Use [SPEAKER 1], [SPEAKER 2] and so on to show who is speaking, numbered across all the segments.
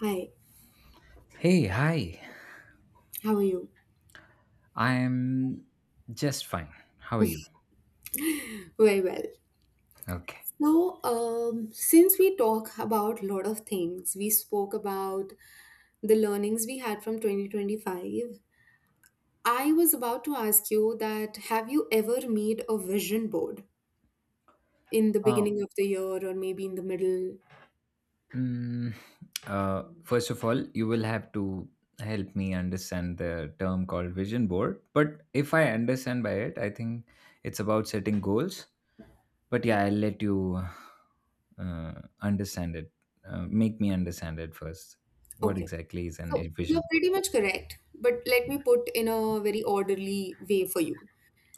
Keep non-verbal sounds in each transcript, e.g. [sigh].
[SPEAKER 1] Hi,
[SPEAKER 2] Hey, hi.
[SPEAKER 1] how are you?
[SPEAKER 2] I'm just fine. How are you?
[SPEAKER 1] Very well.
[SPEAKER 2] Okay.
[SPEAKER 1] So, since we talk about a lot of things, we spoke about the learnings we had from 2025. I was about to ask you that have you ever made a vision board in the
[SPEAKER 2] Uh,
[SPEAKER 1] beginning of the year or maybe in the middle?
[SPEAKER 2] mm, first of all, you will have to help me understand the term called vision board. But if I understand by it, I think it's about setting goals. But yeah, I'll let you uh, understand it. Make me understand it first. What
[SPEAKER 1] Okay,
[SPEAKER 2] exactly is an
[SPEAKER 1] so
[SPEAKER 2] a
[SPEAKER 1] you're
[SPEAKER 2] vision board?
[SPEAKER 1] pretty much correct, but let me put in a very orderly way for you.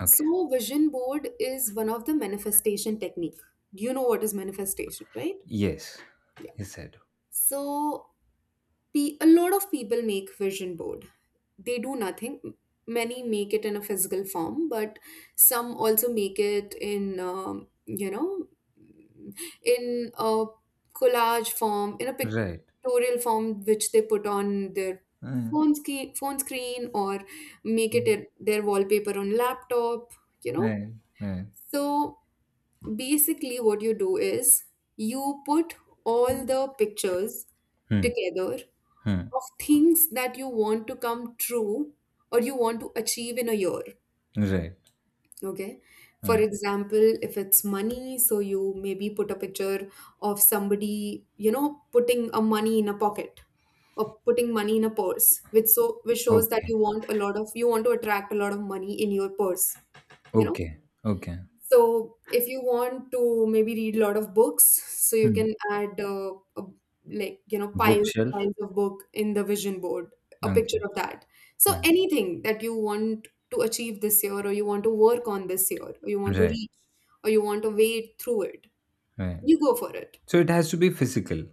[SPEAKER 2] Okay.
[SPEAKER 1] So, vision board is one of the manifestation technique. You know what is manifestation, right?
[SPEAKER 2] Yes.
[SPEAKER 1] Yeah.
[SPEAKER 2] Yes, I do.
[SPEAKER 1] So a lot of people make vision board, they do nothing, many make it in a physical form, but some also make it in you know, in a collage form, in a
[SPEAKER 2] Right.
[SPEAKER 1] pictorial form, which they put on their
[SPEAKER 2] Mm.
[SPEAKER 1] phone screen or make it
[SPEAKER 2] Mm.
[SPEAKER 1] in their wallpaper on laptop, you know.
[SPEAKER 2] Right. Hmm.
[SPEAKER 1] So basically what you do is you put all the pictures together
[SPEAKER 2] Hmm.
[SPEAKER 1] of things that you want to come true or you want to achieve in a year.
[SPEAKER 2] Right.
[SPEAKER 1] Okay. For
[SPEAKER 2] Uh,
[SPEAKER 1] example, if it's money, so you maybe put a picture of somebody, you know, putting a money in a pocket or putting money in a purse, which so which shows that you
[SPEAKER 2] okay.
[SPEAKER 1] want a lot of you want to attract a lot of money in your purse. You know,
[SPEAKER 2] Okay. Okay.
[SPEAKER 1] so, if you want to maybe read a lot of books, so you
[SPEAKER 2] Hmm.
[SPEAKER 1] can add a, like you know, piles and
[SPEAKER 2] Bookshelf.
[SPEAKER 1] piles of book in the vision board, a picture
[SPEAKER 2] Okay.
[SPEAKER 1] of that. So
[SPEAKER 2] Yeah.
[SPEAKER 1] anything that you want to achieve this year, or you want to work on this year, or you want to
[SPEAKER 2] Right.
[SPEAKER 1] reach, or you want to wade through it,
[SPEAKER 2] Right.
[SPEAKER 1] you go for it.
[SPEAKER 2] So it has to be physical.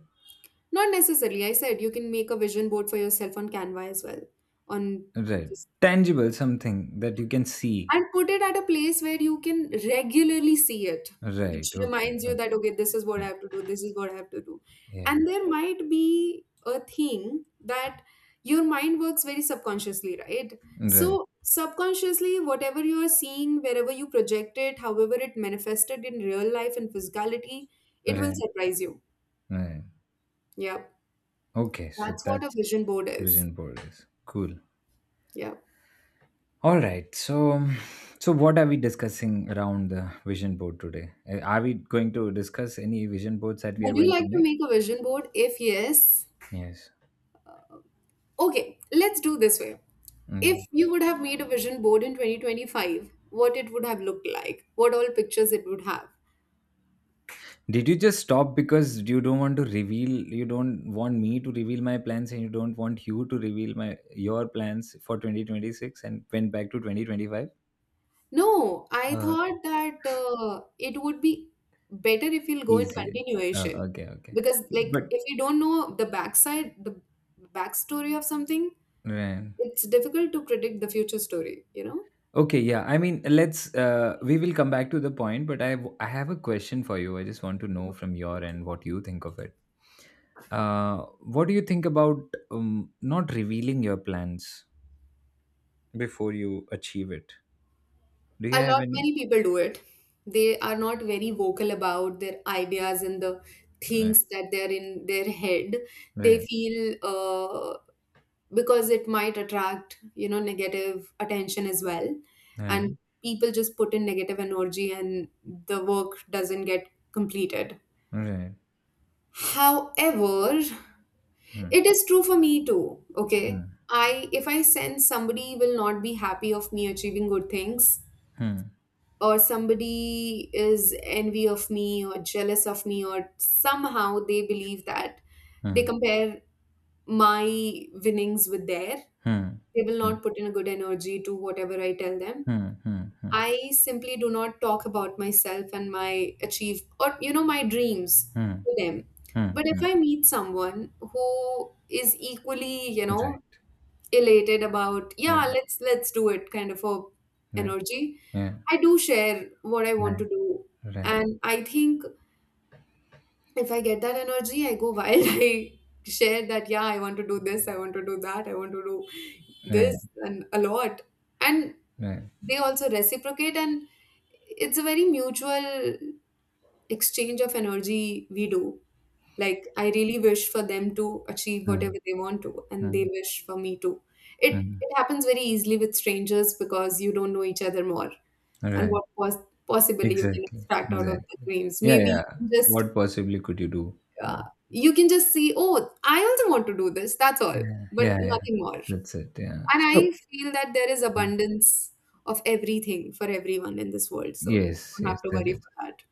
[SPEAKER 1] Not necessarily. I said you can make a vision board for yourself on Canva as well, on
[SPEAKER 2] Right.
[SPEAKER 1] just
[SPEAKER 2] Tangible. Something that you can see.
[SPEAKER 1] and put it at a place where you can regularly see it,
[SPEAKER 2] Right.
[SPEAKER 1] which
[SPEAKER 2] Okay.
[SPEAKER 1] reminds you that,
[SPEAKER 2] Okay.
[SPEAKER 1] okay, this is what
[SPEAKER 2] Yeah.
[SPEAKER 1] I have to do, this is what I have to do.
[SPEAKER 2] Yeah.
[SPEAKER 1] And there might be a thing that your mind works very subconsciously, right?
[SPEAKER 2] Right.
[SPEAKER 1] So, subconsciously, whatever you are seeing, wherever you project it, however it manifested in real life and physicality, it will
[SPEAKER 2] Right.
[SPEAKER 1] surprise you.
[SPEAKER 2] Right.
[SPEAKER 1] Yeah,
[SPEAKER 2] Okay. So
[SPEAKER 1] that's what a
[SPEAKER 2] that's
[SPEAKER 1] vision board is.
[SPEAKER 2] vision board is cool.
[SPEAKER 1] Yeah.
[SPEAKER 2] All right. So, so what are we discussing around the vision board today? Are we going to discuss any vision boards that we are
[SPEAKER 1] Would you
[SPEAKER 2] going to
[SPEAKER 1] like to
[SPEAKER 2] make?
[SPEAKER 1] make a vision board? If yes,
[SPEAKER 2] Yes.
[SPEAKER 1] okay, let's do this way. If
[SPEAKER 2] Mm.
[SPEAKER 1] you would have made a vision board in 2025, what it would have looked like, what all pictures it would have.
[SPEAKER 2] Did you just stop because you don't want to reveal you don't want me to reveal my plans, and you don't want you to reveal my your plans for 2026, and went back to 2025?
[SPEAKER 1] No, I
[SPEAKER 2] Oh, okay.
[SPEAKER 1] thought that it would be better if you'll go in
[SPEAKER 2] Easier.
[SPEAKER 1] continuation,
[SPEAKER 2] Okay, okay.
[SPEAKER 1] because, like,
[SPEAKER 2] But
[SPEAKER 1] if you don't know the backside, the backstory of something,
[SPEAKER 2] man.
[SPEAKER 1] it's difficult to predict the future story, you know?
[SPEAKER 2] Okay, yeah. I mean, let's we will come back to the point, but I have a question for you. I just want to know from your end what you think of it. Uh, what do you think about not revealing your plans before you achieve it? Do you
[SPEAKER 1] A
[SPEAKER 2] have
[SPEAKER 1] lot, many
[SPEAKER 2] any?
[SPEAKER 1] people do it. They are not very vocal about their ideas and the
[SPEAKER 2] Uh,
[SPEAKER 1] things that they're in their head. They
[SPEAKER 2] 네.
[SPEAKER 1] feel because it might attract, you know, negative attention as well. And
[SPEAKER 2] 네.
[SPEAKER 1] people just put in negative energy and the work doesn't get completed.
[SPEAKER 2] 네.
[SPEAKER 1] However,
[SPEAKER 2] Hmm.
[SPEAKER 1] it is true for me too, okay?
[SPEAKER 2] Hmm.
[SPEAKER 1] I If I sense somebody will not be happy of me achieving good things,
[SPEAKER 2] Hmm.
[SPEAKER 1] or somebody is envy of me or jealous of me or somehow they believe that they
[SPEAKER 2] Hmm.
[SPEAKER 1] compare my winnings with their,
[SPEAKER 2] Hmm.
[SPEAKER 1] they will
[SPEAKER 2] Hmm.
[SPEAKER 1] not put in a good energy to whatever I tell them.
[SPEAKER 2] Hmm. Hmm. Hmm.
[SPEAKER 1] I simply do not talk about myself and my achieve, or you know, my dreams
[SPEAKER 2] Hmm.
[SPEAKER 1] to them.
[SPEAKER 2] Hmm.
[SPEAKER 1] But if
[SPEAKER 2] Hmm.
[SPEAKER 1] I meet someone who is equally, you know, elated about
[SPEAKER 2] 네.
[SPEAKER 1] yeah let's do it kind of a
[SPEAKER 2] 네.
[SPEAKER 1] energy,
[SPEAKER 2] 네. 예.
[SPEAKER 1] I do share what I
[SPEAKER 2] 네.
[SPEAKER 1] want to do.
[SPEAKER 2] 네.
[SPEAKER 1] And I think if I get that energy I go wild. [laughs] I share that, yeah, I want to do this, I want to do that, I want to do this, and a lot, and
[SPEAKER 2] 네. 네.
[SPEAKER 1] they also reciprocate, and it's a very mutual exchange of energy we do. Like, I really wish for them to achieve whatever
[SPEAKER 2] Hmm.
[SPEAKER 1] they want to, and they
[SPEAKER 2] Hmm.
[SPEAKER 1] wish for me to. It,
[SPEAKER 2] Hmm.
[SPEAKER 1] it happens very easily with strangers because you don't know each other more and
[SPEAKER 2] Right.
[SPEAKER 1] what was possibly you can
[SPEAKER 2] Exactly.
[SPEAKER 1] extract out of the
[SPEAKER 2] Exactly.
[SPEAKER 1] dreams.
[SPEAKER 2] Yeah,
[SPEAKER 1] Maybe
[SPEAKER 2] yeah. What possibly could you do? Yeah.
[SPEAKER 1] uh, you can just see, oh, I also want to do this. That's all,
[SPEAKER 2] Yeah,
[SPEAKER 1] but
[SPEAKER 2] yeah, yeah.
[SPEAKER 1] nothing more.
[SPEAKER 2] That's it. Yeah.
[SPEAKER 1] And
[SPEAKER 2] So,
[SPEAKER 1] I feel that there is
[SPEAKER 2] hmm.
[SPEAKER 1] abundance of everything for everyone in this world, so
[SPEAKER 2] Yes,
[SPEAKER 1] don't
[SPEAKER 2] yes.
[SPEAKER 1] have to
[SPEAKER 2] That
[SPEAKER 1] worry
[SPEAKER 2] is.
[SPEAKER 1] for that.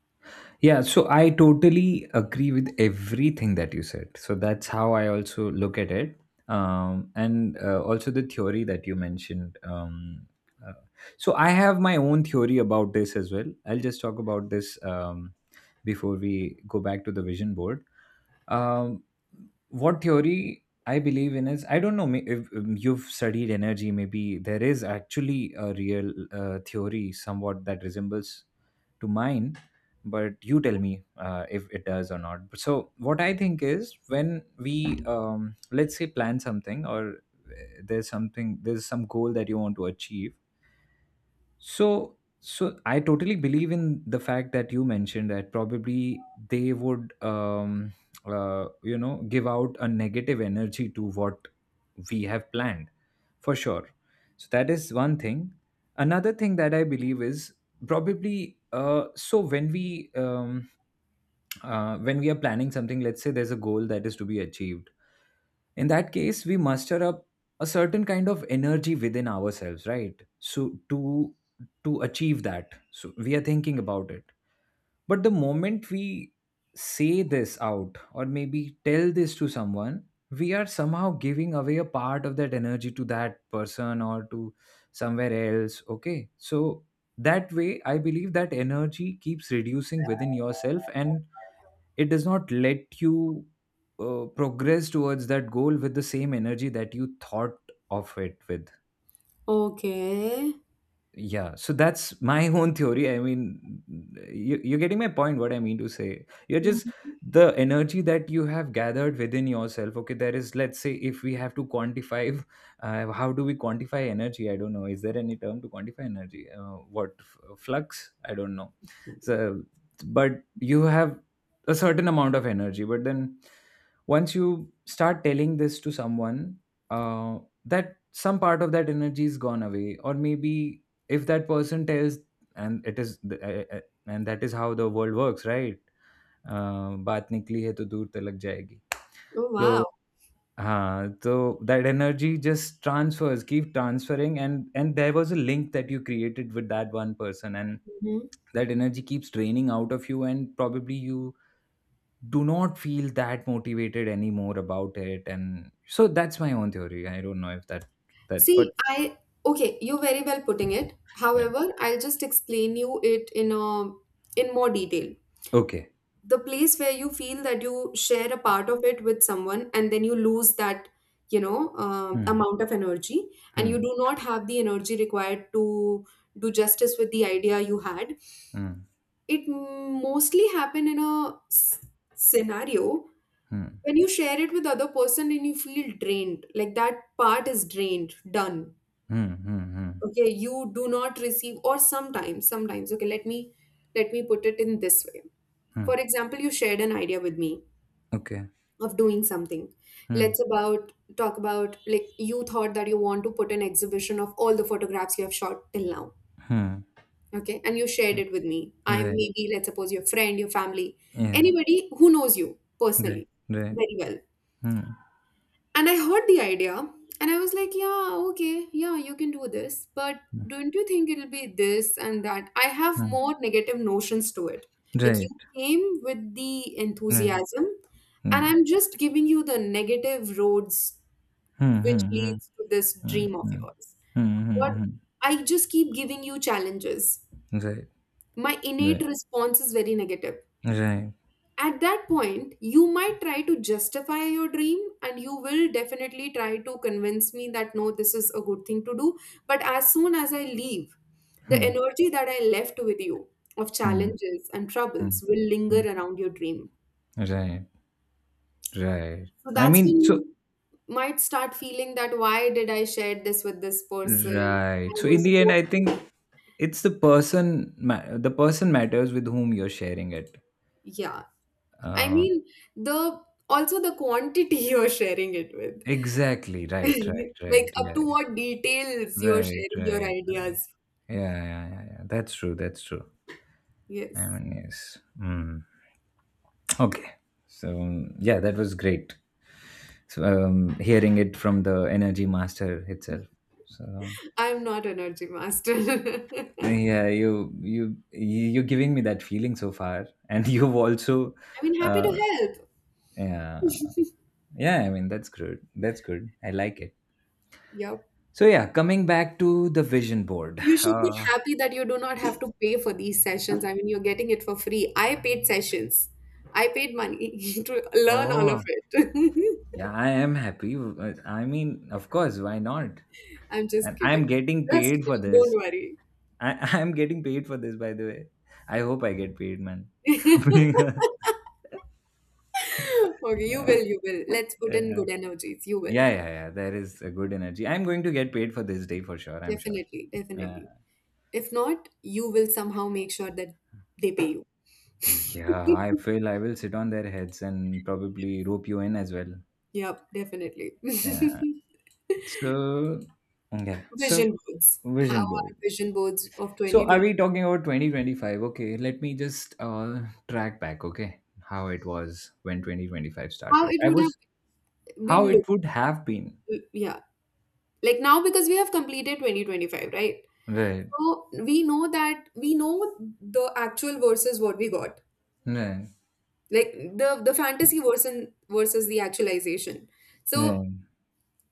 [SPEAKER 2] Yeah, so I totally agree with everything that you said. So that's how I also look at it. And also the theory that you mentioned. Uh, so I have my own theory about this as well. I'll just talk about this before we go back to the vision board. Um, what theory I believe in is, I don't know, if you've studied energy, maybe there is actually a real theory somewhat that resembles to mine, but you tell me if it does or not. But so what I think is, when we let's say plan something, or there's some goal that you want to achieve, so I totally believe in the fact that you mentioned, that probably they would you know, give out a negative energy to what we have planned, for sure. So that is one thing. Another thing that I believe is, probably so when we are planning something, let's say there's a goal that is to be achieved. In that case, we muster up a certain kind of energy within ourselves, right? So to achieve that, so we are thinking about it. But the moment we say this out, or maybe tell this to someone, we are somehow giving away a part of that energy to that person, or to somewhere else. Okay, so that way, I believe that energy keeps reducing within yourself, and it does not let you progress towards that goal with the same energy that you thought of it with.
[SPEAKER 1] Okay.
[SPEAKER 2] Yeah, so that's my [laughs] own theory. I mean, you're getting my point, what I mean to say. You're just,
[SPEAKER 1] Mhm.
[SPEAKER 2] the energy that you have gathered within yourself. Okay, there is, let's say, if we have to quantify, [laughs] how do we quantify energy? I don't know. Is there any term to quantify energy? What, flux? I don't know. So, but you have a certain amount of energy, but then once you start telling this to someone, uh, that some part of that energy is gone away, or maybe if that person tells, and it is and that is how the world works, right? बात निकली है तो दूर तक जाएगी.
[SPEAKER 1] Oh,
[SPEAKER 2] So
[SPEAKER 1] wow.
[SPEAKER 2] हाँ. So that energy just transfers keep transferring, and there was a link that you created with that one person, and
[SPEAKER 1] Mhm.
[SPEAKER 2] that energy keeps draining out of you, and probably you do not feel that motivated anymore about it. And so that's my own theory. I don't know if that but
[SPEAKER 1] See, I Okay, you very well putting it.
[SPEAKER 2] yeah.
[SPEAKER 1] However, I'll just explain you it in a in more detail.
[SPEAKER 2] Okay.
[SPEAKER 1] The place where you feel that you share a part of it with someone and then you lose that, you know,
[SPEAKER 2] Hmm.
[SPEAKER 1] amount of energy, and you
[SPEAKER 2] Hmm.
[SPEAKER 1] do not have the energy required to do justice with the idea you had.
[SPEAKER 2] Hmm.
[SPEAKER 1] It mostly happen in a scenario
[SPEAKER 2] Hmm.
[SPEAKER 1] when you share it with other person and you feel drained, like that part is drained, done.
[SPEAKER 2] Hmm. Hmm. Hmm.
[SPEAKER 1] Okay, you do not receive, or sometimes sometimes okay, let me put it in this way. For
[SPEAKER 2] Hmm.
[SPEAKER 1] example, you shared an idea with me
[SPEAKER 2] Okay.
[SPEAKER 1] of doing something.
[SPEAKER 2] Hmm.
[SPEAKER 1] Let's about Talk about like you thought that you want to put an exhibition of all the photographs you have shot till now,
[SPEAKER 2] Hmm.
[SPEAKER 1] okay, and you shared
[SPEAKER 2] Hmm.
[SPEAKER 1] it with me. I'm
[SPEAKER 2] Right.
[SPEAKER 1] maybe let's suppose your friend, your family,
[SPEAKER 2] Yeah.
[SPEAKER 1] anybody who knows you
[SPEAKER 2] Right.
[SPEAKER 1] personally
[SPEAKER 2] Right.
[SPEAKER 1] very well.
[SPEAKER 2] Hmm.
[SPEAKER 1] And I heard the idea and I was like, yeah, okay, yeah, you can do this. But
[SPEAKER 2] Hmm.
[SPEAKER 1] don't you think it'll be this and that? I have
[SPEAKER 2] Hmm.
[SPEAKER 1] more negative notions to it. Like you
[SPEAKER 2] Right.
[SPEAKER 1] came with the
[SPEAKER 2] Right.
[SPEAKER 1] enthusiasm and
[SPEAKER 2] Hmm.
[SPEAKER 1] I'm just giving you the negative roads
[SPEAKER 2] Hmm.
[SPEAKER 1] which
[SPEAKER 2] Hmm. Hmm.
[SPEAKER 1] leads to this
[SPEAKER 2] Hmm.
[SPEAKER 1] dream of
[SPEAKER 2] Hmm.
[SPEAKER 1] yours.
[SPEAKER 2] Hmm.
[SPEAKER 1] Or
[SPEAKER 2] Hmm. Hmm.
[SPEAKER 1] I just keep giving you challenges.
[SPEAKER 2] Right.
[SPEAKER 1] My innate
[SPEAKER 2] Right.
[SPEAKER 1] response is very negative.
[SPEAKER 2] Right.
[SPEAKER 1] At that point you might try to justify your dream and you will definitely try to convince me that no, this is a good thing to do. But as soon as I leave, the
[SPEAKER 2] Hmm.
[SPEAKER 1] energy that I left with you of
[SPEAKER 2] Hmm.
[SPEAKER 1] challenges and
[SPEAKER 2] Hmm.
[SPEAKER 1] troubles will linger
[SPEAKER 2] Hmm.
[SPEAKER 1] around your dream.
[SPEAKER 2] Right. Right.
[SPEAKER 1] So
[SPEAKER 2] I
[SPEAKER 1] that's when
[SPEAKER 2] mean, so
[SPEAKER 1] you might start feeling that why did I share this with this person.
[SPEAKER 2] right.
[SPEAKER 1] I
[SPEAKER 2] So in
[SPEAKER 1] was
[SPEAKER 2] the end, I think
[SPEAKER 1] okay.
[SPEAKER 2] it's the person. The person matters with whom you're sharing it.
[SPEAKER 1] Yeah, I
[SPEAKER 2] Um.
[SPEAKER 1] mean, the also the quantity [laughs] you're sharing it with.
[SPEAKER 2] Exactly. Right. Right.
[SPEAKER 1] [laughs] Like
[SPEAKER 2] Right.
[SPEAKER 1] up
[SPEAKER 2] Yeah.
[SPEAKER 1] to what details you're
[SPEAKER 2] Right.
[SPEAKER 1] sharing your
[SPEAKER 2] Right. Right.
[SPEAKER 1] ideas.
[SPEAKER 2] Yeah, yeah, yeah, yeah. That's true. That's true. I
[SPEAKER 1] Yes.
[SPEAKER 2] mean, yes. Mm. Okay. So yeah, that was great. So hearing it from the energy master itself. So
[SPEAKER 1] I'm not energy master. [laughs] I
[SPEAKER 2] yeah, you're giving me that feeling so far, and [laughs] you've also,
[SPEAKER 1] mean, happy
[SPEAKER 2] uh,
[SPEAKER 1] to help.
[SPEAKER 2] yeah, yeah. I mean, that's good. That's good. I like it.
[SPEAKER 1] Yep.
[SPEAKER 2] So yeah, coming back to the vision board.
[SPEAKER 1] You should be happy that you do not have to pay for these sessions. I mean, you're getting it for free. I paid sessions. I paid money [laughs] to learn all of
[SPEAKER 2] Oh,
[SPEAKER 1] it.
[SPEAKER 2] yeah, I am happy. I mean, of course, why not?
[SPEAKER 1] [laughs] I'm just
[SPEAKER 2] And I'm
[SPEAKER 1] kidding.
[SPEAKER 2] getting
[SPEAKER 1] Just
[SPEAKER 2] paid for
[SPEAKER 1] kidding. Don't
[SPEAKER 2] this.
[SPEAKER 1] worry.
[SPEAKER 2] I [laughs] I'm getting paid for this, by the way. I hope I get paid, man. [laughs]
[SPEAKER 1] [laughs]
[SPEAKER 2] yeah,
[SPEAKER 1] Okay, you will, you will. Let's put in
[SPEAKER 2] yeah,
[SPEAKER 1] good energies. You will.
[SPEAKER 2] yeah, yeah, There is a good energy. I'm going to get paid for this day for sure. I'm sure.
[SPEAKER 1] Definitely,
[SPEAKER 2] Uh,
[SPEAKER 1] definitely. If not, you will somehow make sure that they pay you.
[SPEAKER 2] yeah, I feel I will sit on their heads and probably rope you in as well.
[SPEAKER 1] Yep, definitely.
[SPEAKER 2] Uh,
[SPEAKER 1] [laughs]
[SPEAKER 2] so yeah,
[SPEAKER 1] Vision boards. How
[SPEAKER 2] vision board.
[SPEAKER 1] are vision boards of
[SPEAKER 2] So are
[SPEAKER 1] 2020?
[SPEAKER 2] we talking about 2025? Okay, let me just track back. Okay, how it was when 2025
[SPEAKER 1] How
[SPEAKER 2] started.
[SPEAKER 1] it
[SPEAKER 2] I
[SPEAKER 1] would have
[SPEAKER 2] was how
[SPEAKER 1] been
[SPEAKER 2] it
[SPEAKER 1] look?
[SPEAKER 2] would have been.
[SPEAKER 1] Yeah. Like now, because we have completed 2025, right?
[SPEAKER 2] Right.
[SPEAKER 1] So we know that we know the actual versus what we got.
[SPEAKER 2] Right.
[SPEAKER 1] Like the fantasy versus the actualization.
[SPEAKER 2] Right.
[SPEAKER 1] So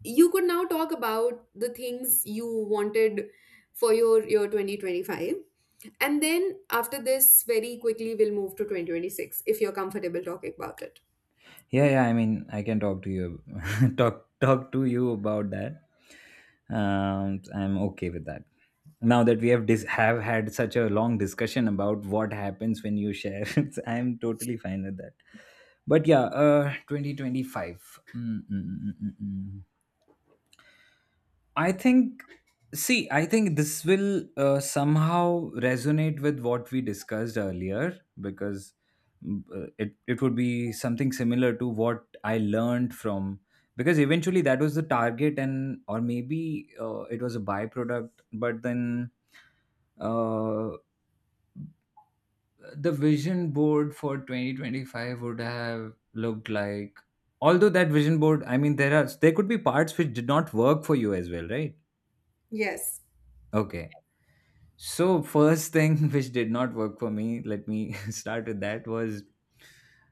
[SPEAKER 1] you could now talk about the things you wanted for your year 2025, and then after this very quickly we'll move to 2026 if you're comfortable talking about it.
[SPEAKER 2] Yeah, yeah. I mean, I can talk to you, [laughs] talk to you about that. I'm okay with that. Now that we have have had such a long discussion about what happens when you share, [laughs] I'm totally fine with that. But yeah, 2025. I think, see, I think this will somehow resonate with what we discussed earlier, because it would be something similar to what I learned from, because eventually that was the target, and or maybe it was a byproduct, but then uh, the vision board for 2025 would have looked like. Although that vision board, I mean, there could be parts which did not work for you as well, right?
[SPEAKER 1] Yes,
[SPEAKER 2] Okay. So, first thing [laughs] which did not work for me, let me [laughs] start with that, was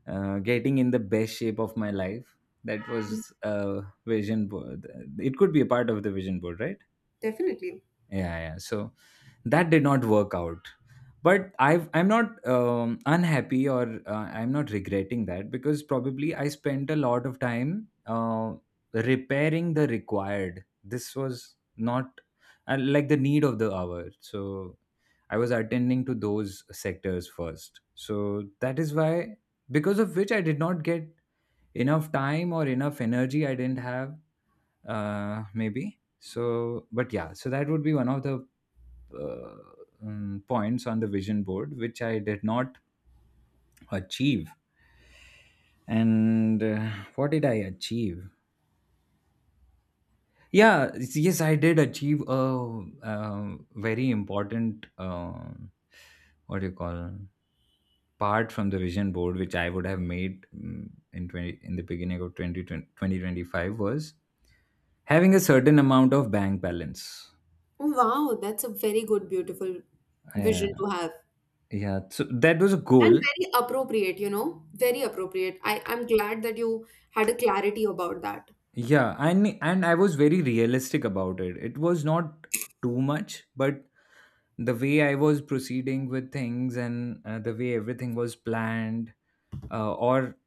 [SPEAKER 2] getting in the best shape of my life. That was a vision board. It could be a part of the vision board, right?
[SPEAKER 1] definitely.
[SPEAKER 2] Yeah, yeah, so that did not work out, but I'm not unhappy, or I'm not regretting that, because probably I spent a lot of time repairing the required. This was not like the need of the hour, so I was attending to those sectors first. So that is why, because of which, I did not get enough time or enough energy. I didn't have maybe, so. But yeah, so that would be one of the uh, points on the vision board which I did not achieve. And what did I achieve? Yeah, yes, I did achieve a, very important, what do you call, part from the vision board which I would have made, in the beginning of twenty twenty twenty-five, was having a certain amount of bank balance.
[SPEAKER 1] Wow, that's a very good beautiful vision
[SPEAKER 2] uh,
[SPEAKER 1] to have,
[SPEAKER 2] yeah, so that was a
[SPEAKER 1] and
[SPEAKER 2] goal.
[SPEAKER 1] very appropriate, you know, very appropriate. I'm glad that you had a clarity about that.
[SPEAKER 2] Yeah, and I was very realistic about it. It was not too much, but the way I was proceeding with things, and the way everything was planned, or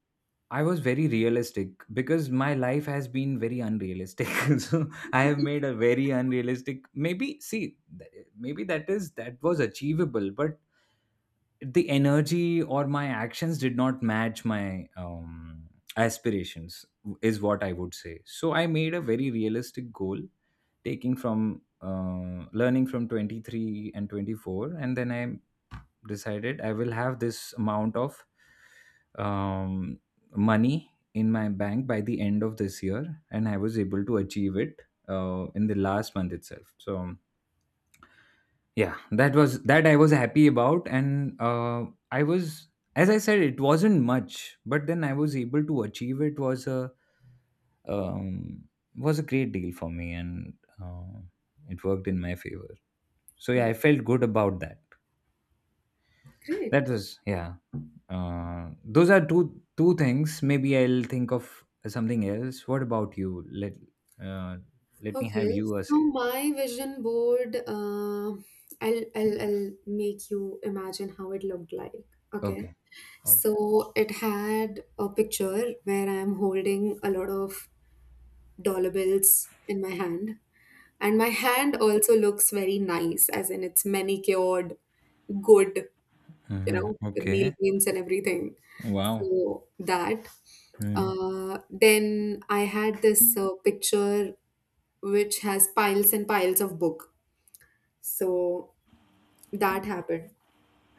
[SPEAKER 2] I was very realistic, because my life has been very unrealistic. [laughs] So I have made
[SPEAKER 1] [laughs]
[SPEAKER 2] a very unrealistic. Maybe maybe that was achievable, but the energy or my actions did not match my aspirations, is what I would say. So I made a very realistic goal, taking from learning from 23 and 24, and then I decided I will have this amount of um, money in my bank by the end of this year, and I was able to achieve it in the last month itself. So yeah, that was that I was happy about. And I was, as I said, it wasn't much, but then I was able to achieve It was a um, was a great deal for me, and uh, it worked in my favor. So yeah,
[SPEAKER 1] Mm,
[SPEAKER 2] I felt good about that. That
[SPEAKER 1] great.
[SPEAKER 2] was, yeah, those are two things. Maybe I'll think of something else. What about you? Let, uh, let me
[SPEAKER 1] Okay,
[SPEAKER 2] have you a
[SPEAKER 1] so
[SPEAKER 2] say.
[SPEAKER 1] my vision board, I'll make you imagine how it looked like. Okay,
[SPEAKER 2] Okay. Okay.
[SPEAKER 1] so it had a picture where I'm holding a lot of dollar bills in my hand, and my hand also looks very nice, as in it's manicured, good, you
[SPEAKER 2] Hmm.
[SPEAKER 1] know, with meal
[SPEAKER 2] Okay.
[SPEAKER 1] games and everything.
[SPEAKER 2] Wow.
[SPEAKER 1] So that.
[SPEAKER 2] Hmm.
[SPEAKER 1] Then I had this picture which has piles and piles of book. So that happened.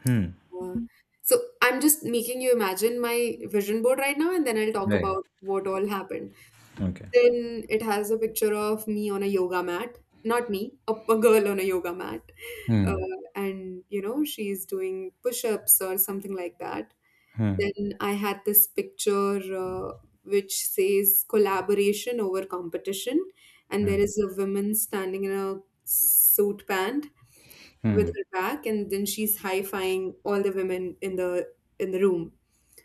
[SPEAKER 2] Hmm.
[SPEAKER 1] Uh, so I'm just making you imagine my vision board right now, and then I'll talk
[SPEAKER 2] Right.
[SPEAKER 1] about what all happened.
[SPEAKER 2] Okay.
[SPEAKER 1] Then it has a picture of me on a yoga mat. Not me, a girl on a yoga mat.
[SPEAKER 2] Hmm.
[SPEAKER 1] Uh, and, you know, she's doing push ups or something like that.
[SPEAKER 2] Hmm.
[SPEAKER 1] Then I had this picture which says collaboration over competition, and
[SPEAKER 2] Hmm.
[SPEAKER 1] there is a woman standing in a suit pant with
[SPEAKER 2] Hmm.
[SPEAKER 1] her back, and then she's high-fiving all the women in the room.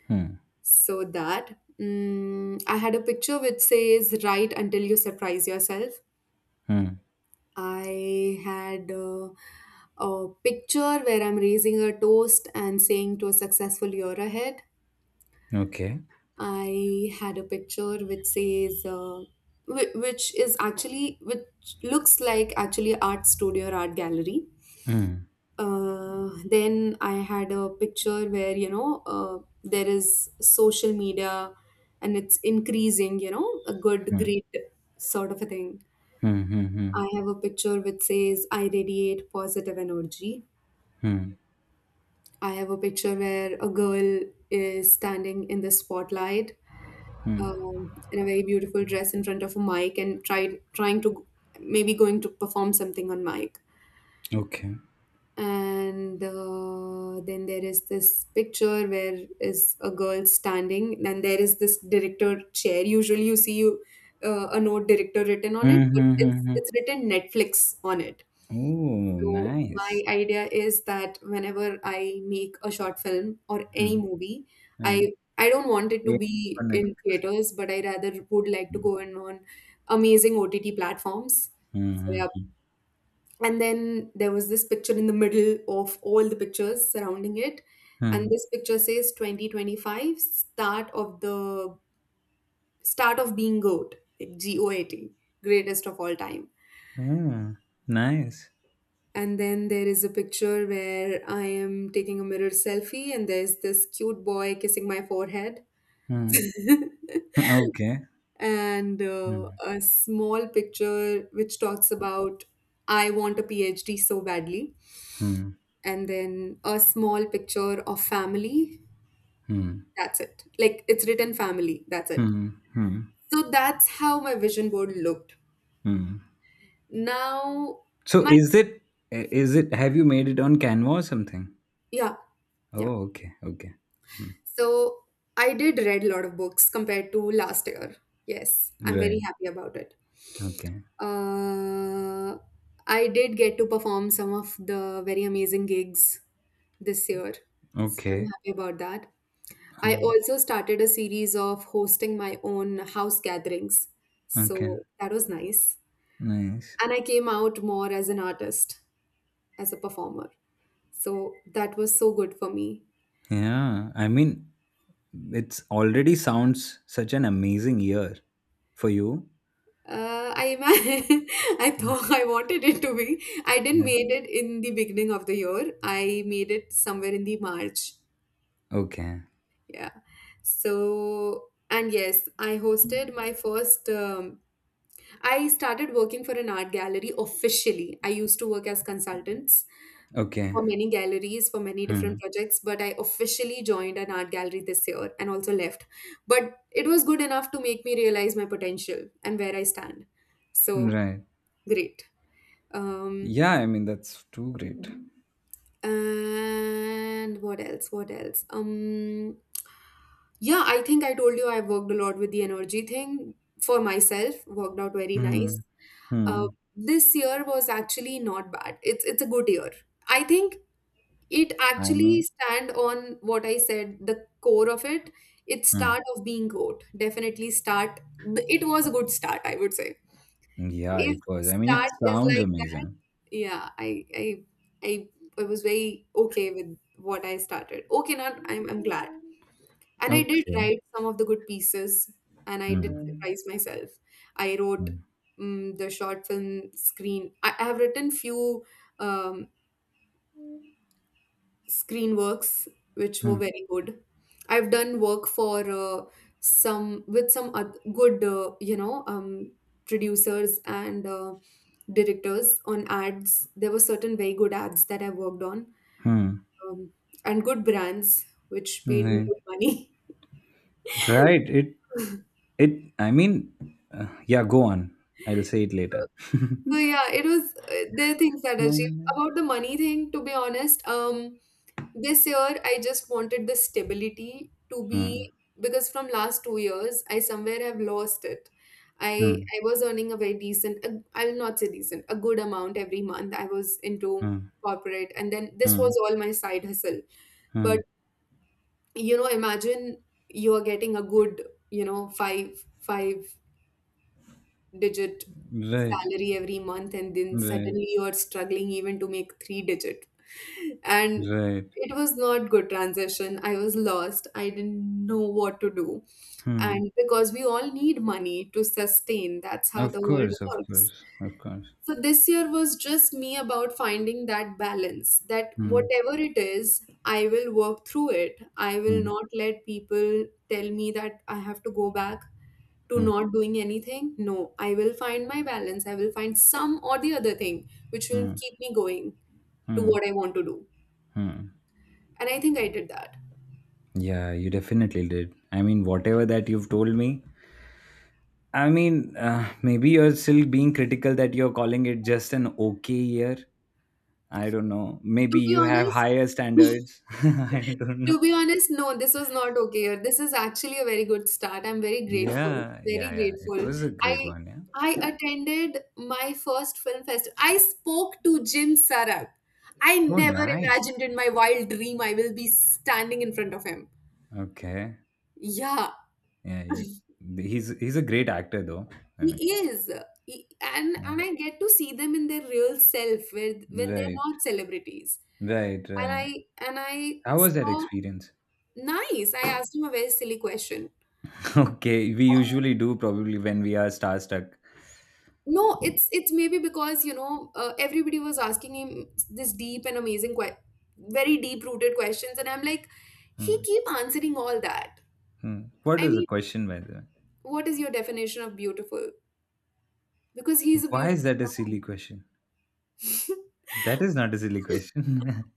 [SPEAKER 2] Hmm.
[SPEAKER 1] So that mm, I had a picture which says "Write until you surprise yourself."
[SPEAKER 2] Hmm.
[SPEAKER 1] I had a picture where I'm raising a toast and saying to a successful year ahead.
[SPEAKER 2] Okay.
[SPEAKER 1] I had a picture which says, which is actually, which looks like actually art studio or art gallery.
[SPEAKER 2] Hmm.
[SPEAKER 1] Then I had a picture where, you know, there is social media and it's increasing, you know, a good,
[SPEAKER 2] Hmm.
[SPEAKER 1] great sort of a thing.
[SPEAKER 2] Hmm. Hmm. Hmm.
[SPEAKER 1] I have a picture which says, I radiate positive energy.
[SPEAKER 2] Hmm.
[SPEAKER 1] I have a picture where a girl is standing in the spotlight
[SPEAKER 2] Hmm.
[SPEAKER 1] in a very beautiful dress in front of a mic and tried trying to maybe going to perform something on mic.
[SPEAKER 2] Okay.
[SPEAKER 1] And then there is this picture where is a girl standing and there is this director chair. Usually you see you a note, director, written on it,
[SPEAKER 2] Hmm.
[SPEAKER 1] but
[SPEAKER 2] Hmm.
[SPEAKER 1] it's
[SPEAKER 2] Hmm. Hmm.
[SPEAKER 1] it's written Netflix on it.
[SPEAKER 2] Oh,
[SPEAKER 1] So my
[SPEAKER 2] nice.
[SPEAKER 1] idea is that whenever I make a short film or any
[SPEAKER 2] Hmm.
[SPEAKER 1] movie,
[SPEAKER 2] Nice.
[SPEAKER 1] I I don't want it to
[SPEAKER 2] Yeah,
[SPEAKER 1] be
[SPEAKER 2] connection.
[SPEAKER 1] in theaters, but I rather would like to
[SPEAKER 2] Hmm.
[SPEAKER 1] go in on amazing OTT platforms. So
[SPEAKER 2] Hmm.
[SPEAKER 1] yeah.
[SPEAKER 2] Hmm.
[SPEAKER 1] And then there was this picture in the middle of all the pictures surrounding it. And
[SPEAKER 2] Hmm.
[SPEAKER 1] this picture says 2025, start of the start of being GOAT, like GOAT, greatest of all time.
[SPEAKER 2] Oh, nice.
[SPEAKER 1] And then there is a picture where I am taking a mirror selfie, and there's this cute boy kissing my forehead. [laughs]
[SPEAKER 2] Hmm. [laughs] Okay.
[SPEAKER 1] And
[SPEAKER 2] Hmm.
[SPEAKER 1] a small picture which talks about I want a PhD so badly.
[SPEAKER 2] Hmm.
[SPEAKER 1] And then a small picture of family.
[SPEAKER 2] Hmm.
[SPEAKER 1] That's it. Like, it's written family. That's it.
[SPEAKER 2] Hmm. Hmm.
[SPEAKER 1] So that's how my vision board looked.
[SPEAKER 2] Hmm.
[SPEAKER 1] Now,
[SPEAKER 2] So
[SPEAKER 1] my,
[SPEAKER 2] is it have you made it on Canva or something?
[SPEAKER 1] yeah, yeah.
[SPEAKER 2] Oh, okay. Okay. Hmm.
[SPEAKER 1] So I did read a lot of books compared to last year. Yes, I'm very
[SPEAKER 2] Right.
[SPEAKER 1] happy about it.
[SPEAKER 2] Okay.
[SPEAKER 1] Uh, I did get to perform some of the very amazing gigs this year. So I'm
[SPEAKER 2] Okay.
[SPEAKER 1] happy about that. I
[SPEAKER 2] Uh,
[SPEAKER 1] also started a series of hosting my own house gatherings.
[SPEAKER 2] okay.
[SPEAKER 1] So that was nice.
[SPEAKER 2] Nice.
[SPEAKER 1] And I came out more as an artist, as a performer. So that was so good for me.
[SPEAKER 2] Yeah. I mean, it's already sounds such an amazing year for you.
[SPEAKER 1] I imagine [laughs] I
[SPEAKER 2] [laughs] Yeah.
[SPEAKER 1] thought I wanted it to be. I didn't
[SPEAKER 2] Yeah.
[SPEAKER 1] made it in the beginning of the year. I made it somewhere in the March.
[SPEAKER 2] Okay.
[SPEAKER 1] Yeah. So and yes, I hosted my first. I started working for an art gallery officially. I used to work as consultants
[SPEAKER 2] Okay.
[SPEAKER 1] for many galleries for many
[SPEAKER 2] Hmm.
[SPEAKER 1] different projects, but I officially joined an art gallery this year and also left. But it was good enough to make me realize my potential and where I stand. So
[SPEAKER 2] Right.
[SPEAKER 1] great. um
[SPEAKER 2] Yeah. I mean, that's too great.
[SPEAKER 1] and what else, what else? Yeah, I think I told you I worked a lot with the energy thing. For myself, worked out very nice.
[SPEAKER 2] Hmm.
[SPEAKER 1] uh,
[SPEAKER 2] Hmm.
[SPEAKER 1] this year was actually not bad. It's a good year, I think. It
[SPEAKER 2] I
[SPEAKER 1] actually
[SPEAKER 2] mean,
[SPEAKER 1] stand on what I said, the core of it. Its
[SPEAKER 2] hmm.
[SPEAKER 1] start of being good, definitely. Start, it was a good start, I would say.
[SPEAKER 2] Yeah, it
[SPEAKER 1] If
[SPEAKER 2] was. I mean, it
[SPEAKER 1] start is
[SPEAKER 2] sounds
[SPEAKER 1] like,
[SPEAKER 2] amazing.
[SPEAKER 1] yeah, I I, I was very okay with what I started. Okay, not I'm, I'm glad. And I did
[SPEAKER 2] Okay.
[SPEAKER 1] write some of the good pieces and I did
[SPEAKER 2] Hmm.
[SPEAKER 1] surprise myself. I wrote
[SPEAKER 2] Hmm.
[SPEAKER 1] the short film screen. I have written few um, screen works which were
[SPEAKER 2] Hmm.
[SPEAKER 1] very good. I've done work for some with some good you know producers and directors on ads. There were certain very good ads that I worked on,
[SPEAKER 2] Hmm.
[SPEAKER 1] um, and good brands which paid me
[SPEAKER 2] Right.
[SPEAKER 1] good money. [laughs]
[SPEAKER 2] Right. It. It. I mean, yeah. Go on. I'll say it later.
[SPEAKER 1] So
[SPEAKER 2] [laughs]
[SPEAKER 1] yeah, it was there are things that I achieved.
[SPEAKER 2] No.
[SPEAKER 1] About the money thing, to be honest, this year I just wanted the stability to
[SPEAKER 2] Hmm.
[SPEAKER 1] be, because from last 2 years I somewhere have lost it.
[SPEAKER 2] Hmm.
[SPEAKER 1] I was earning a very decent, I'll not say decent, a good amount every month. I was into
[SPEAKER 2] Hmm.
[SPEAKER 1] corporate, and then this was
[SPEAKER 2] Hmm.
[SPEAKER 1] all my side hustle. But
[SPEAKER 2] Mm.
[SPEAKER 1] you know, imagine you are getting a good, you know, five digit
[SPEAKER 2] Right,
[SPEAKER 1] salary every month, and then
[SPEAKER 2] right,
[SPEAKER 1] suddenly you're struggling even to make three digit. [laughs] And
[SPEAKER 2] right.
[SPEAKER 1] it was not good transition. I was lost, I didn't know what to do.
[SPEAKER 2] Hmm.
[SPEAKER 1] And because we all need money to sustain, that's how
[SPEAKER 2] Of
[SPEAKER 1] the world
[SPEAKER 2] course, of
[SPEAKER 1] works.
[SPEAKER 2] course, of course.
[SPEAKER 1] So this year was just me about finding that balance, that
[SPEAKER 2] Hmm.
[SPEAKER 1] whatever it is, I will work through it. I will
[SPEAKER 2] Hmm.
[SPEAKER 1] not let people tell me that I have to go back to
[SPEAKER 2] Hmm.
[SPEAKER 1] not doing anything. No, I will find my balance. I will find some or the other thing which will
[SPEAKER 2] Hmm.
[SPEAKER 1] keep me going to
[SPEAKER 2] Hmm.
[SPEAKER 1] what I want to do.
[SPEAKER 2] Hmm.
[SPEAKER 1] And I think I did that.
[SPEAKER 2] Yeah, you definitely did. I mean, whatever that you've told me. I mean, maybe you're still being critical that you're calling it just an okay year. I don't know. Maybe
[SPEAKER 1] To be
[SPEAKER 2] you have
[SPEAKER 1] honest,
[SPEAKER 2] higher
[SPEAKER 1] [laughs]
[SPEAKER 2] standards. [laughs] I don't know.
[SPEAKER 1] to be honest, no, this was not okay. Or this is actually a very good start. I'm very grateful,
[SPEAKER 2] Yeah,
[SPEAKER 1] very
[SPEAKER 2] yeah, yeah. It
[SPEAKER 1] grateful.
[SPEAKER 2] was a great
[SPEAKER 1] I
[SPEAKER 2] one. Yeah.
[SPEAKER 1] I attended my first film festival. I spoke to Jim Sarat. I
[SPEAKER 2] Oh,
[SPEAKER 1] never
[SPEAKER 2] nice.
[SPEAKER 1] imagined in my wild dream I will be standing in front of him.
[SPEAKER 2] Okay.
[SPEAKER 1] Yeah,
[SPEAKER 2] Yeah,
[SPEAKER 1] [laughs]
[SPEAKER 2] he, he's a great actor though. I mean,
[SPEAKER 1] he is. And
[SPEAKER 2] yeah.
[SPEAKER 1] and I get to see them in their real self, where when they're
[SPEAKER 2] Right,
[SPEAKER 1] not celebrities.
[SPEAKER 2] right,
[SPEAKER 1] And
[SPEAKER 2] right.
[SPEAKER 1] I and I
[SPEAKER 2] How was that
[SPEAKER 1] saw
[SPEAKER 2] experience?
[SPEAKER 1] nice. I asked him a very silly question.
[SPEAKER 2] [laughs] Okay, we usually do probably when we are starstruck.
[SPEAKER 1] No,
[SPEAKER 2] Hmm,
[SPEAKER 1] it's maybe because, you know, everybody was asking him this deep and amazing, very deep rooted questions, and I'm like, he
[SPEAKER 2] hmm.
[SPEAKER 1] keep answering all that.
[SPEAKER 2] Hmm. What
[SPEAKER 1] I
[SPEAKER 2] is the
[SPEAKER 1] mean,
[SPEAKER 2] question, by the way?
[SPEAKER 1] what is your definition of beautiful? Because he's a
[SPEAKER 2] Why is
[SPEAKER 1] beautiful
[SPEAKER 2] that a silly
[SPEAKER 1] man.
[SPEAKER 2] question? That is not a silly question. [laughs]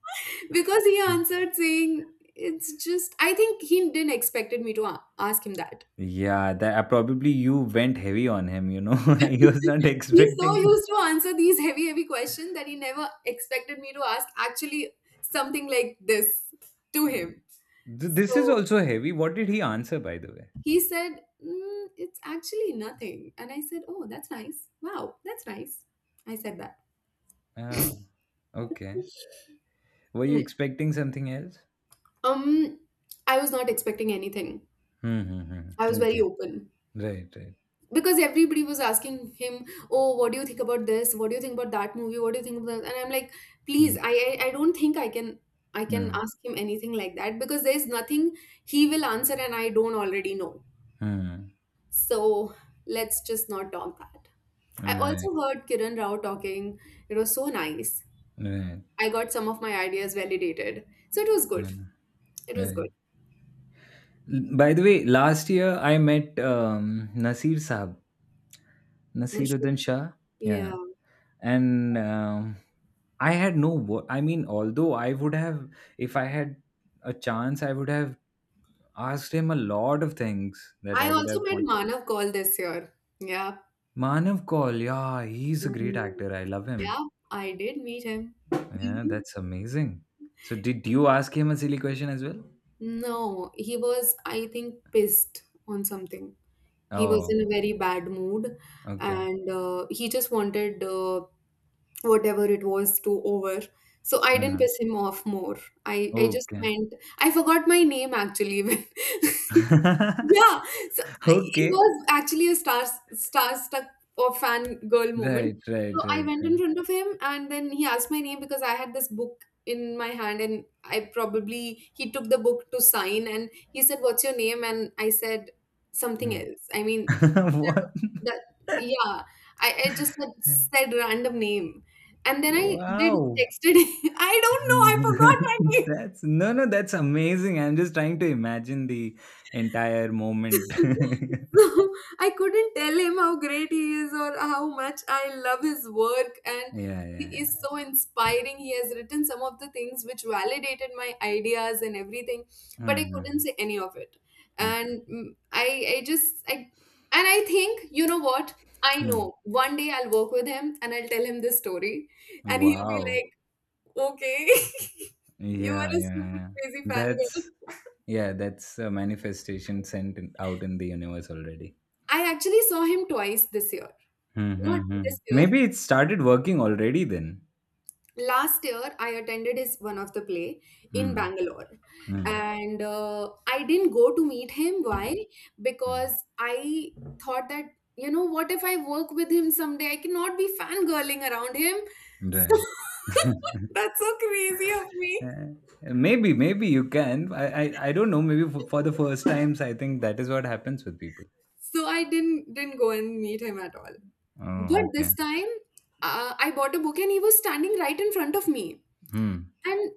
[SPEAKER 1] Because he answered saying, it's just. I think he didn't expected me to ask him that.
[SPEAKER 2] Yeah, that probably you went heavy on him, you know. [laughs] He was not
[SPEAKER 1] [laughs] He's so
[SPEAKER 2] expecting.
[SPEAKER 1] used to answer these heavy, heavy questions that he never expected me to ask actually something like this
[SPEAKER 2] [laughs]
[SPEAKER 1] to him.
[SPEAKER 2] This is
[SPEAKER 1] So
[SPEAKER 2] also heavy. What did he answer, by the way?
[SPEAKER 1] he said, mm, it's actually nothing. And I said, oh, that's nice. Wow, that's nice. I said that.
[SPEAKER 2] Ah, okay. Were you
[SPEAKER 1] Hmm.
[SPEAKER 2] expecting something else?
[SPEAKER 1] Um, I was not expecting anything.
[SPEAKER 2] Hmm, hmm,
[SPEAKER 1] I was
[SPEAKER 2] hmm.
[SPEAKER 1] very
[SPEAKER 2] Okay.
[SPEAKER 1] open
[SPEAKER 2] Right, right.
[SPEAKER 1] because everybody was asking him, "Oh, what do you think about this? What do you think about that movie? What do you think about that?" And I'm like, "Please,
[SPEAKER 2] Hmm,
[SPEAKER 1] I don't think I can." I can
[SPEAKER 2] hmm,
[SPEAKER 1] ask him anything like that, because there's nothing he will answer and I don't already know.
[SPEAKER 2] hmm.
[SPEAKER 1] So let's just not talk that. I
[SPEAKER 2] Right,
[SPEAKER 1] also heard Kiran Rao talking. It was so nice.
[SPEAKER 2] right,
[SPEAKER 1] I got some of my ideas validated. So it was good.
[SPEAKER 2] hmm,
[SPEAKER 1] It was
[SPEAKER 2] right.
[SPEAKER 1] good.
[SPEAKER 2] By the way, last year I met Nasir Sahab,
[SPEAKER 1] Nishu-
[SPEAKER 2] Nasiruddin Shah. Yeah.
[SPEAKER 1] Yeah.
[SPEAKER 2] And I had no wo- I mean, although I would have, if I had a chance, I would have asked him a lot of things that
[SPEAKER 1] I
[SPEAKER 2] I would
[SPEAKER 1] also
[SPEAKER 2] have
[SPEAKER 1] met
[SPEAKER 2] wanted.
[SPEAKER 1] Manav Kaul this year. Yeah.
[SPEAKER 2] Manav Kaul, yeah, he's a great
[SPEAKER 1] Mm,
[SPEAKER 2] actor. I love him.
[SPEAKER 1] yeah, I did meet him.
[SPEAKER 2] Yeah,
[SPEAKER 1] Mhm.
[SPEAKER 2] that's amazing. So, did you ask him a silly question as well?
[SPEAKER 1] No, he was, I think, pissed on something. He was
[SPEAKER 2] Oh,
[SPEAKER 1] in a very bad mood
[SPEAKER 2] okay.
[SPEAKER 1] and he just wanted whatever it was to over. So I didn't
[SPEAKER 2] Uh,
[SPEAKER 1] piss him off more. I just
[SPEAKER 2] okay.
[SPEAKER 1] went. I forgot my name actually, even. [laughs]
[SPEAKER 2] [laughs]
[SPEAKER 1] Yeah. So I, it
[SPEAKER 2] Okay.
[SPEAKER 1] was actually a star, star stuck or fan girl moment.
[SPEAKER 2] Right, right,
[SPEAKER 1] So I
[SPEAKER 2] right,
[SPEAKER 1] went in
[SPEAKER 2] right.
[SPEAKER 1] front of him and then he asked my name, because I had this book in my hand and I probably, he took the book to sign and he said, what's your name? And I said something
[SPEAKER 2] Hmm.
[SPEAKER 1] else, I mean,
[SPEAKER 2] [laughs] What?
[SPEAKER 1] that. Yeah, I just had said random name and then I did
[SPEAKER 2] Wow.
[SPEAKER 1] texted. [laughs] I don't know, I forgot
[SPEAKER 2] [laughs]
[SPEAKER 1] my.
[SPEAKER 2] That's no, no, that's amazing. I'm just trying to imagine the entire moment. [laughs]
[SPEAKER 1] [laughs] So I couldn't tell him how great he is or how much I love his work, and
[SPEAKER 2] Yeah, yeah,
[SPEAKER 1] he is
[SPEAKER 2] yeah.
[SPEAKER 1] so inspiring. He has written some of the things which validated my ideas and everything, but I couldn't
[SPEAKER 2] Mm-hmm.
[SPEAKER 1] say any of it. And mm, I I just I and I think, you know what? I
[SPEAKER 2] Mm-hmm.
[SPEAKER 1] know one day I'll work with him and I'll tell him this story, and he'll be
[SPEAKER 2] Wow.
[SPEAKER 1] like, okay, [laughs] you are
[SPEAKER 2] Yeah, yeah,
[SPEAKER 1] a stupid
[SPEAKER 2] yeah.
[SPEAKER 1] crazy
[SPEAKER 2] That's
[SPEAKER 1] fangirl.
[SPEAKER 2] yeah, that's a manifestation sent out in the universe already.
[SPEAKER 1] I actually saw him twice this year.
[SPEAKER 2] Hmm,
[SPEAKER 1] No,
[SPEAKER 2] hmm,
[SPEAKER 1] not
[SPEAKER 2] hmm.
[SPEAKER 1] this year.
[SPEAKER 2] Maybe it started working already then.
[SPEAKER 1] Last year, I attended his one of the play in
[SPEAKER 2] Mm,
[SPEAKER 1] Bangalore,
[SPEAKER 2] mm,
[SPEAKER 1] and I didn't go to meet him. Why?
[SPEAKER 2] mm.
[SPEAKER 1] Because I thought that, you know, what if I work with him someday? I cannot be fangirling around him. So
[SPEAKER 2] Right.
[SPEAKER 1] [laughs]
[SPEAKER 2] [laughs]
[SPEAKER 1] that's so crazy of me.
[SPEAKER 2] Maybe you can. I don't know. Maybe for the first times, I think that is what happens with people.
[SPEAKER 1] So I didn't go and meet him at all.
[SPEAKER 2] Oh,
[SPEAKER 1] But this
[SPEAKER 2] okay.
[SPEAKER 1] time, I bought a book and he was standing right in front of me.
[SPEAKER 2] Hmm.
[SPEAKER 1] And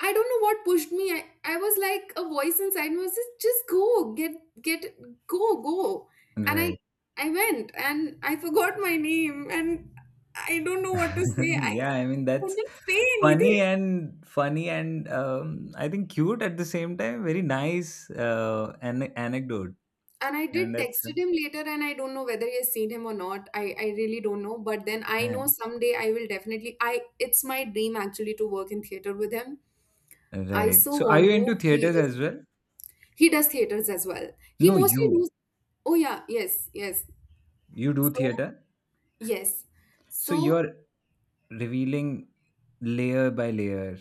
[SPEAKER 1] I don't know what pushed me. I was like, a voice inside me was just go, get get go, go. And
[SPEAKER 2] Right.
[SPEAKER 1] I went and I forgot my name, and I don't know what to say.
[SPEAKER 2] [laughs]
[SPEAKER 1] I
[SPEAKER 2] Yeah, I mean that's
[SPEAKER 1] couldn't say
[SPEAKER 2] funny
[SPEAKER 1] anything.
[SPEAKER 2] and funny and I think cute at the same time. Very nice anecdote,
[SPEAKER 1] And I did
[SPEAKER 2] and that's
[SPEAKER 1] texted him later, and I don't know whether he has seen him or not. I really don't know. But then I
[SPEAKER 2] yeah.
[SPEAKER 1] know someday I will definitely, I, it's my dream actually to work in theater with him. I
[SPEAKER 2] Right.
[SPEAKER 1] so
[SPEAKER 2] So, are
[SPEAKER 1] want
[SPEAKER 2] you into
[SPEAKER 1] to.
[SPEAKER 2] theaters as well?
[SPEAKER 1] He does theaters as well. He
[SPEAKER 2] No,
[SPEAKER 1] mostly
[SPEAKER 2] you.
[SPEAKER 1] does. Oh yeah, yes, yes.
[SPEAKER 2] You do
[SPEAKER 1] So
[SPEAKER 2] theater?
[SPEAKER 1] yes.
[SPEAKER 2] So
[SPEAKER 1] So
[SPEAKER 2] you're revealing layer by layer.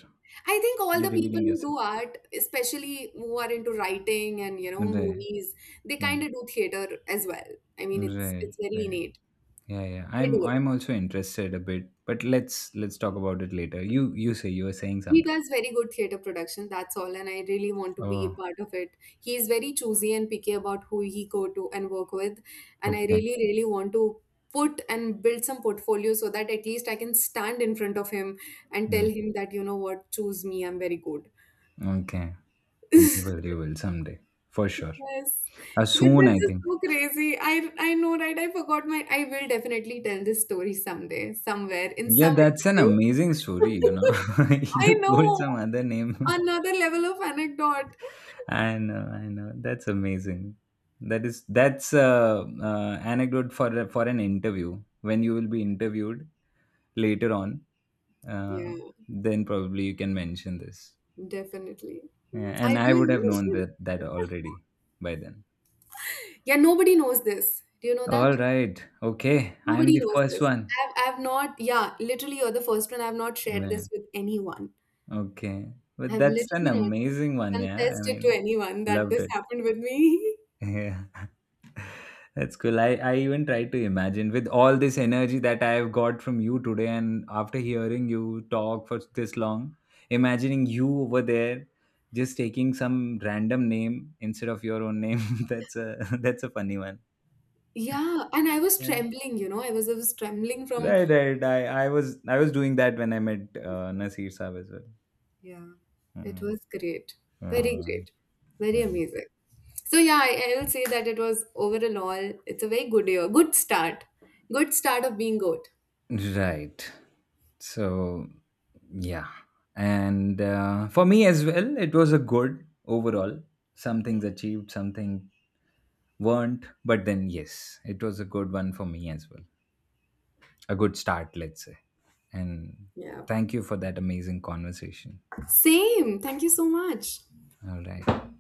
[SPEAKER 1] I think all
[SPEAKER 2] You're
[SPEAKER 1] the people
[SPEAKER 2] revealing
[SPEAKER 1] who
[SPEAKER 2] yourself.
[SPEAKER 1] do art, especially who are into writing and, you know,
[SPEAKER 2] Right.
[SPEAKER 1] movies, they kind
[SPEAKER 2] Mm,
[SPEAKER 1] of do theater as well. I mean, it's
[SPEAKER 2] right.
[SPEAKER 1] it's very
[SPEAKER 2] Right.
[SPEAKER 1] innate.
[SPEAKER 2] Yeah, yeah.
[SPEAKER 1] They do it.
[SPEAKER 2] I'm also interested a bit, but let's talk about it later. You say you were saying
[SPEAKER 1] He
[SPEAKER 2] something.
[SPEAKER 1] does very good theater production, that's all, and I really want to be a
[SPEAKER 2] Oh,
[SPEAKER 1] part of it. He is very choosy and picky about who he go to and work with, and I
[SPEAKER 2] okay.
[SPEAKER 1] really, really want to put and build some portfolio, so that at least I can stand in front of him and tell
[SPEAKER 2] Mm,
[SPEAKER 1] him that, you know what, choose me, I'm very good.
[SPEAKER 2] okay.
[SPEAKER 1] [laughs]
[SPEAKER 2] You will someday. For sure.
[SPEAKER 1] Yes, but
[SPEAKER 2] Soon
[SPEAKER 1] this
[SPEAKER 2] I
[SPEAKER 1] is
[SPEAKER 2] think.
[SPEAKER 1] so crazy. I know, right? I forgot my. I will definitely tell this story someday, somewhere, in
[SPEAKER 2] Yeah,
[SPEAKER 1] some
[SPEAKER 2] that's an amazing story,
[SPEAKER 1] interview.
[SPEAKER 2] you know.
[SPEAKER 1] [laughs]
[SPEAKER 2] [laughs]
[SPEAKER 1] I
[SPEAKER 2] You told
[SPEAKER 1] know,
[SPEAKER 2] some other name.
[SPEAKER 1] another level of anecdote.
[SPEAKER 2] I know, I know. That's amazing. That's a anecdote for for an interview when you will be interviewed later on. Uh,
[SPEAKER 1] Yeah,
[SPEAKER 2] then probably you can mention this,
[SPEAKER 1] definitely.
[SPEAKER 2] yeah, and
[SPEAKER 1] I
[SPEAKER 2] I would have known
[SPEAKER 1] will.
[SPEAKER 2] that already by then.
[SPEAKER 1] Yeah, nobody knows this. Do you know that?
[SPEAKER 2] All right, okay. I am
[SPEAKER 1] Nobody
[SPEAKER 2] the
[SPEAKER 1] knows
[SPEAKER 2] first
[SPEAKER 1] this.
[SPEAKER 2] one.
[SPEAKER 1] I've not. Yeah, literally, you're the first one. I've not shared
[SPEAKER 2] Yeah.
[SPEAKER 1] this with anyone.
[SPEAKER 2] Okay, but
[SPEAKER 1] I've
[SPEAKER 2] that's an
[SPEAKER 1] literally not
[SPEAKER 2] amazing one, yeah. I
[SPEAKER 1] confessed it to
[SPEAKER 2] mean,
[SPEAKER 1] anyone that
[SPEAKER 2] loved
[SPEAKER 1] this
[SPEAKER 2] it.
[SPEAKER 1] happened with me. [laughs]
[SPEAKER 2] Yeah. [laughs] That's cool. I even tried to imagine with all this energy that I have got from you today, and after hearing you talk for this long, imagining you over there just taking some random name instead of your own name. [laughs] that's a [laughs] that's a funny one.
[SPEAKER 1] Yeah, and I was
[SPEAKER 2] Yeah.
[SPEAKER 1] trembling, you know, I was trembling from,
[SPEAKER 2] Right, right. I was doing that when I met Nasir Saab as well.
[SPEAKER 1] yeah, it
[SPEAKER 2] Mm.
[SPEAKER 1] was great. Very
[SPEAKER 2] Mm.
[SPEAKER 1] great. Very
[SPEAKER 2] Mm.
[SPEAKER 1] amazing. So yeah, I will say that it was overall, it's a very good year. Good start. Good start of being good.
[SPEAKER 2] Right. So, yeah. And for me as well, it was a good overall. Some things achieved, some things weren't. But then, yes, it was a good one for me as well. A good start, let's say. And
[SPEAKER 1] Yeah.
[SPEAKER 2] thank you for that amazing conversation.
[SPEAKER 1] Same. Thank you so much.
[SPEAKER 2] All right.